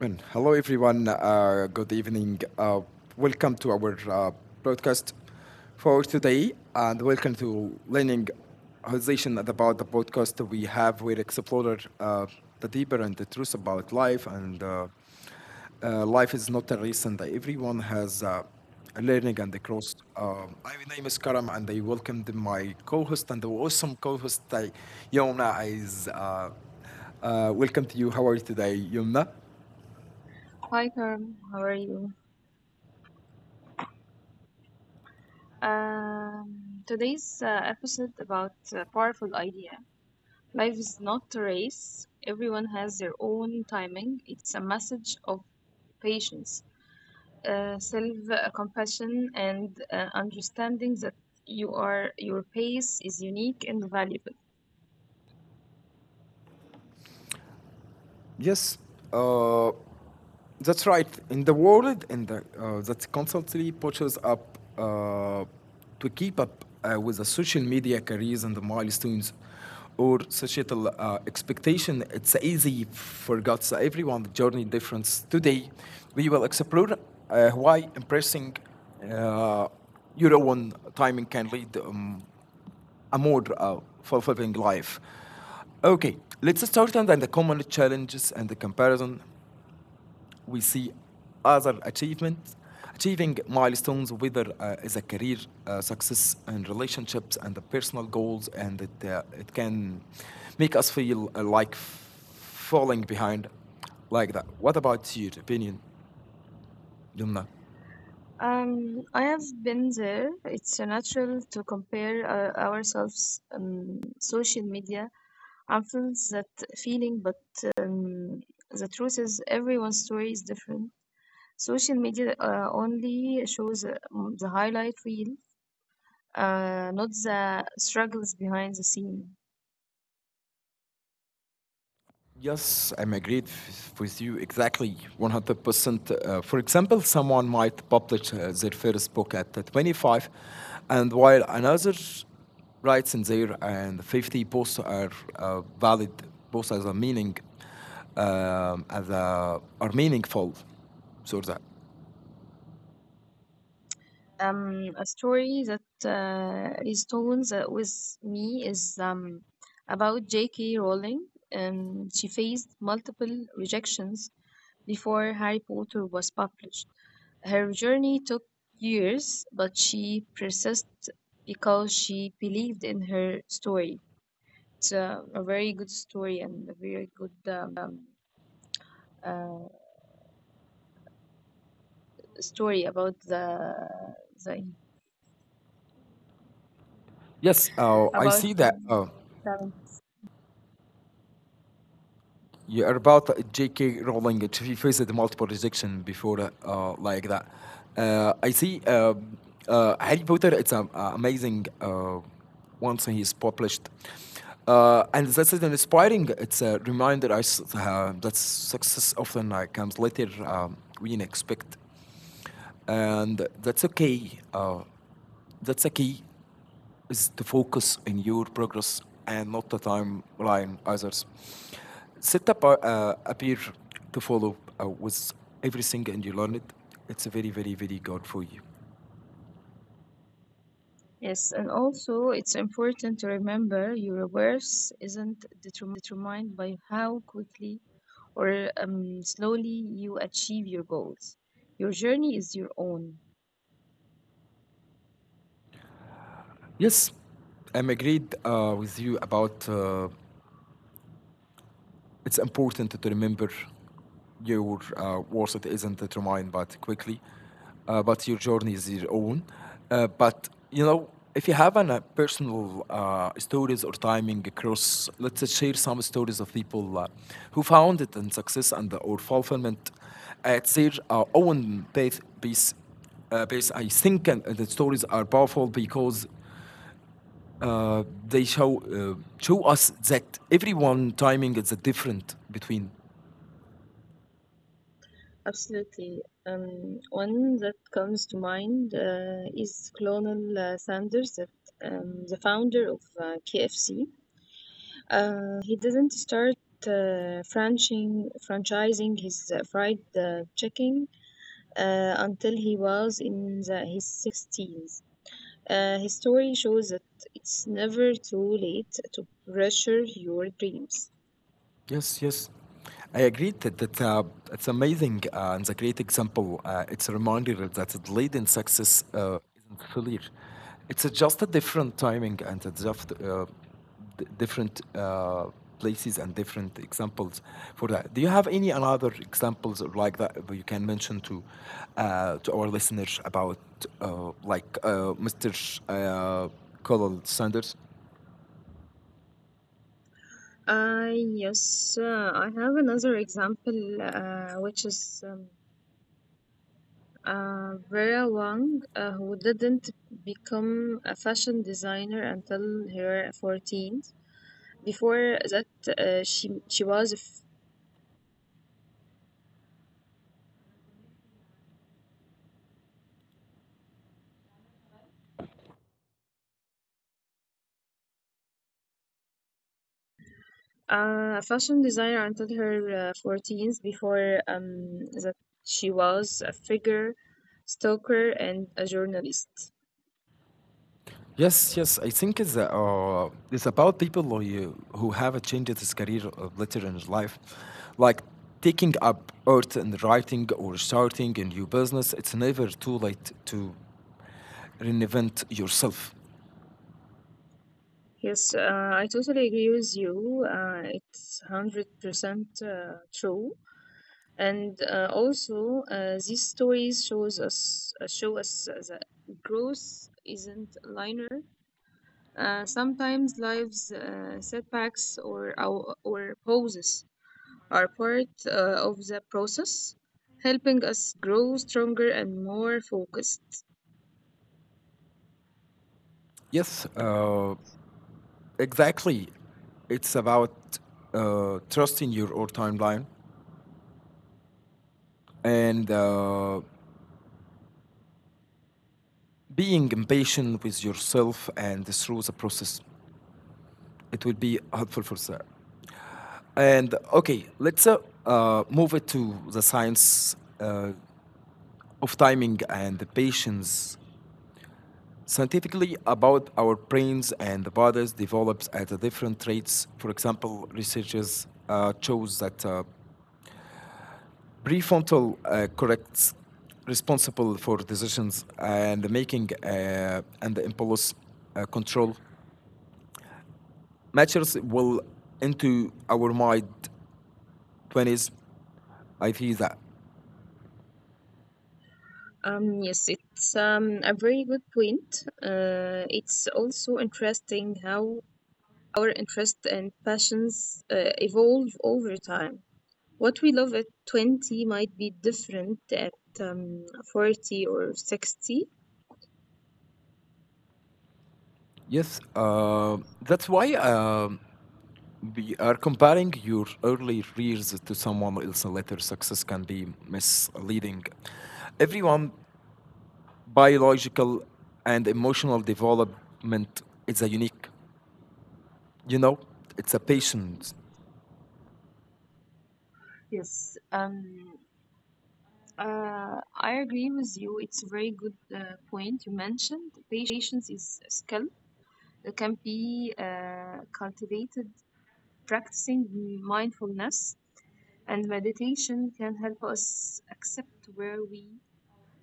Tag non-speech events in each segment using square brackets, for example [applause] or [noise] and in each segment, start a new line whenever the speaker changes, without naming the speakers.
And hello, everyone. Good evening. Welcome to our broadcast for today, and welcome to learning conversation about the podcast we have with Explorer, the deeper and the truth about life. And Life is not a race, and everyone has a learning and a growth. My name is Karam, and I welcome my co-host and the awesome co-host, Yomna. Is Welcome to you. How are you today, Yomna?
Hi, Karim. How are you? Today's episode about a powerful idea. Life is not a race. Everyone has their own timing. It's a message of patience, self-compassion, and understanding that your pace is unique and valuable.
Yes, uh, that's right. In the world, in the that constantly pushes up to keep up with the social media careers and the milestones or societal expectation, it's easy forgets everyone's journey difference. Today, we will explore why impressing uh, your own timing can lead a amor of fulfilling life. Okay, let's start on the common challenges and the comparison. We see other achievements, achieving milestones, whether as a career success and relationships and the personal goals, and it can make us feel like falling behind, like that. What about your opinion, Lumna?
I have been there. It's natural to compare ourselves on social media. I feel that feeling, but the truth is, everyone's story is different. Social media only shows the highlight reel, not the struggles behind the scene.
Yes, I'm agreed with you exactly 100%. For example, someone might publish their first book at 25, and while another writes in there and 50, both are valid, both as a meaning, as a, are meaningful. So that.
A story that resonates with me is about J.K. Rowling. She faced multiple rejections before Harry Potter was published. Her journey took years, but she persisted because she believed in her story. It's a very good story and a very good uh, story about the, the
Yes, I
about
see that. Yeah, about J.K. Rowling, she faced multiple rejection before, like that. I see Harry Potter. It's amazing. Once he's published, and that's an inspiring. It's a reminder us that success often comes later we didn't expect and that's okay. That's a key is to focus in your progress and not the timeline others. Set up a peer to follow with everything and you learn it. It's very, very, very good for you.
Yes, and also it's important to remember your worth isn't determined by how quickly or slowly you achieve your goals. Your journey is your own.
Yes, I'm agreed with you about it's important to remember your worth. It isn't determined, but quickly. But your journey is your own. If you have an, personal stories or timing across, let's share some stories of people who found it in success and or fulfillment at their own path. Base, base. I think and the stories are powerful because they show show us that everyone timing is different between.
Absolutely. One that comes to mind is Colonel Sanders, the founder of KFC. He doesn't start franchising his fried chicken until he was in his 16s. His story shows that it's never too late to pressure your dreams.
Yes, yes. I agree that it's amazing and a great example. It's a reminder that delayed in success isn't failure. It's a, just a different timing and a just different places and different examples for that. Do you have any another examples of like that that you can mention to our listeners about like Mr. Uh, Colonel Sanders?
Yes, I have another example, which is Vera Wang, who didn't become a fashion designer until her 14s. Before that, she was a fashion designer until her 14s. Before that, she was a figure stalker and a journalist.
Yes, yes. I think it's about people who have changed his career later in his life, like taking up art and writing or starting a new business. It's never too late to reinvent yourself.
Yes, I totally agree with you. It's 100% true. And also, these stories shows us show us that growth isn't linear. Sometimes lives setbacks or or pauses are part of the process, helping us grow stronger and more focused.
Yes, exactly. It's about trusting your own timeline and being impatient with yourself and through the process. It will be helpful for that. And okay, let's move it to the science of timing and the patience. Scientifically, about our brains and bodies develops at a different rates. For example, researchers shows that prefrontal corrects responsible for decisions and making and the impulse control matches well into our mind 20s. I feel that.
Yes, it's a very good point. It's also interesting how our interests and passions evolve over time. What we love at 20 might be different at um, 40 or 60.
Yes, that's why we are comparing your early years to someone else's later success can be misleading. Everyone biological and emotional development is a unique, you know, it's a patient.
Yes. I agree with you. It's a very good point you mentioned. Patience is a skill that can be cultivated. Practicing mindfulness and meditation can help us accept where we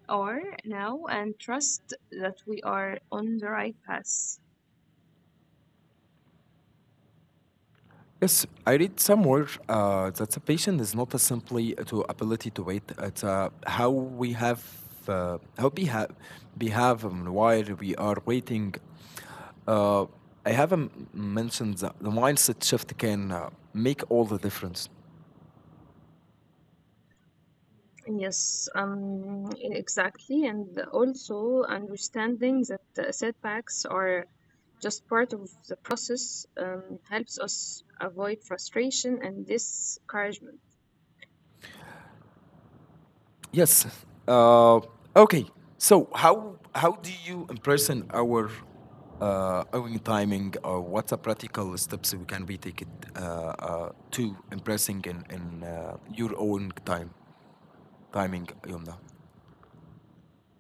are now and trust that we are on the right path.
Yes, I read somewhere that the patient is not a simply to ability to wait. It's how we have behave while we are waiting. Uh, I haven't mentioned that the mindset shift can make all the difference.
Yes, exactly. And also understanding that setbacks are just part of the process, helps us avoid frustration and discouragement.
Yes. Uh, okay. So how do you imprison our own timing, or what's a practical steps we can be taking uh, to impressing in your own time timing, Yomna?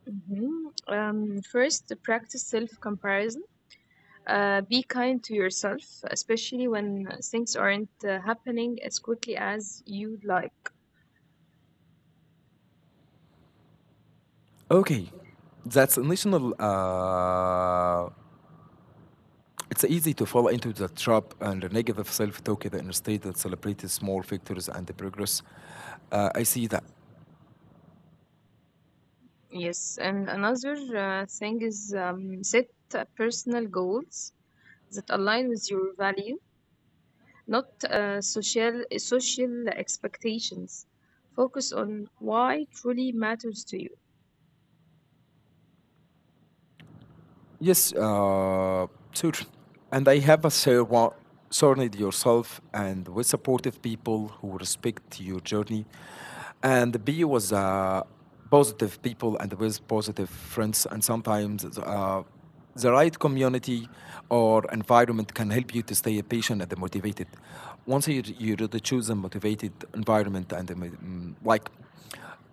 Mhm. First, to practice self comparison. Be kind to yourself, especially when things aren't happening as quickly as you'd like.
Okay, that's a national. It's easy to fall into the trap and the negative self-talk that instead that celebrates small victories and the progress. I see that.
Yes, and another thing is set personal goals that align with your value, not social expectations. Focus on why truly matters to you.
Yes, sure. And I have a surround yourself and with supportive people who respect your journey. And B was positive people and with positive friends. And sometimes the right community or environment can help you to stay patient and motivated. Once you really choose a motivated environment and a like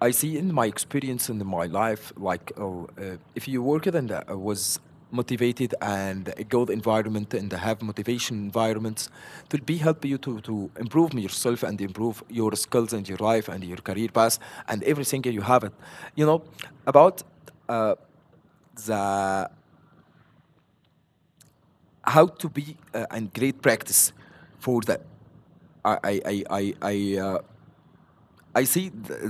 I see in my experience in my life, like oh, if you work it and was motivated and a good environment and have motivation environments, it will be help you to improve yourself and improve your skills and your life and your career path and everything you have it. You know, about uh, the how to be and great practice for that. I I I I I, uh, I see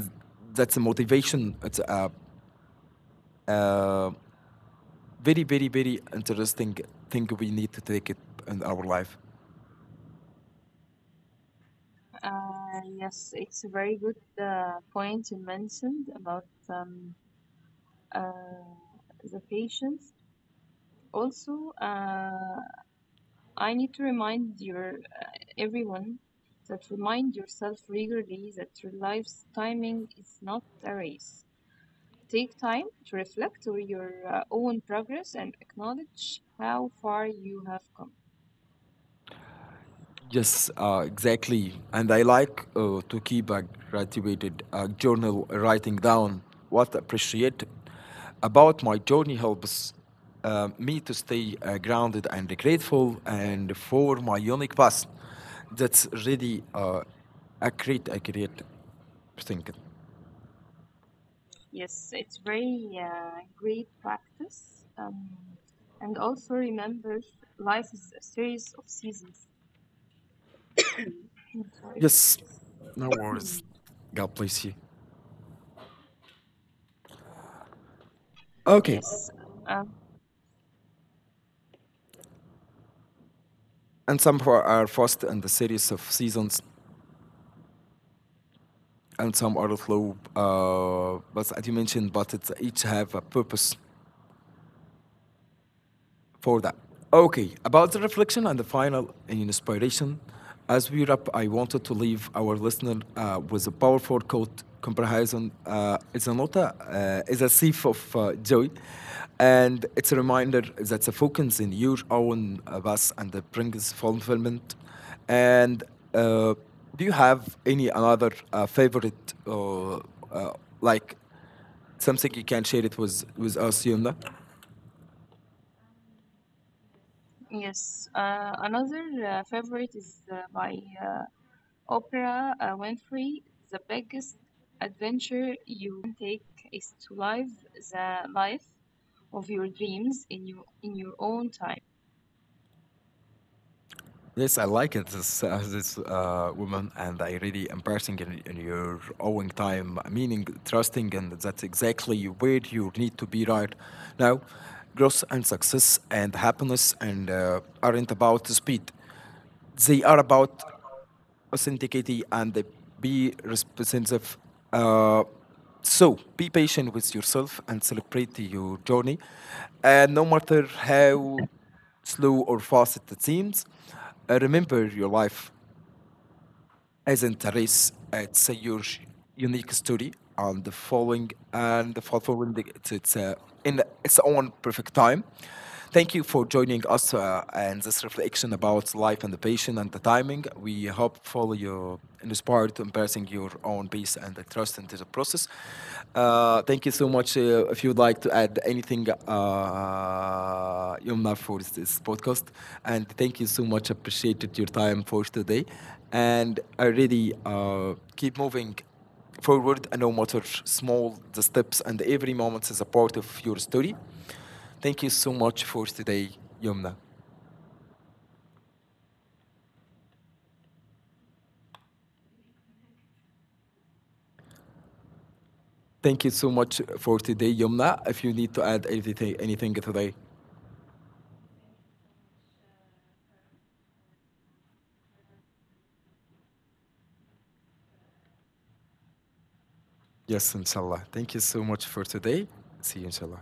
that's a motivation. It's a, uh very very very interesting thing we need to take it in our life.
Yes, it's a very good point you mentioned about uh, the patients. Also, I need to remind your everyone that remind yourself regularly that your life's timing is not a race. Take time to reflect on your own progress and acknowledge how far you have come.
Yes, exactly. And I like to keep a graduated journal writing down what I appreciate about my journey helps me to stay grounded and grateful and for my unique past. That's really a great thing.
Yes, it's very great practice. And also remember, life is a series of seasons. [coughs] I'm sorry.
Yes, no
Hmm.
worries. God bless you. Okay,
Yes. Uh,
and some for our first in the series of seasons. And some are slow. But as you mentioned, but it's each have a purpose for that. Okay, about the reflection and the final inspiration, as we wrap, I wanted to leave our listener with a powerful quote comparison. It's a nota, it's a sieve of joy, and it's a reminder that the focus in your own and the brings fulfillment. And uh, do you have any another favorite, like something you can share it with us, Yunda?
yes. Another favorite is by uh, Oprah Winfrey: the biggest adventure you can take is to live the life of your dreams in your own time.
Yes, I like it. This woman, and I really embracing in your own time, meaning trusting, and that's exactly where you need to be right now. Growth and success and happiness and aren't about speed; they are about authenticity and the be responsive. Uh, so be patient with yourself and celebrate your journey. And no matter how slow or fast it seems, remember your life. Isn't race, it's a huge, unique story and the following the, it's in its own perfect time. Thank you for joining us and this reflection about life and the patient and the timing. We hopefully you inspired to embracing your own peace and the trust into the process. Thank you so much. If you'd like to add anything, Yumna, for this podcast, and thank you so much. Appreciated your time for today, and I really keep moving forward, no matter small the steps, and every moment is a part of your story. Thank you so much for today, Yumna. Thank you so much for today, Yumna. If you need to add anything today, yes, inshallah. Thank you so much for today. See you, inshallah.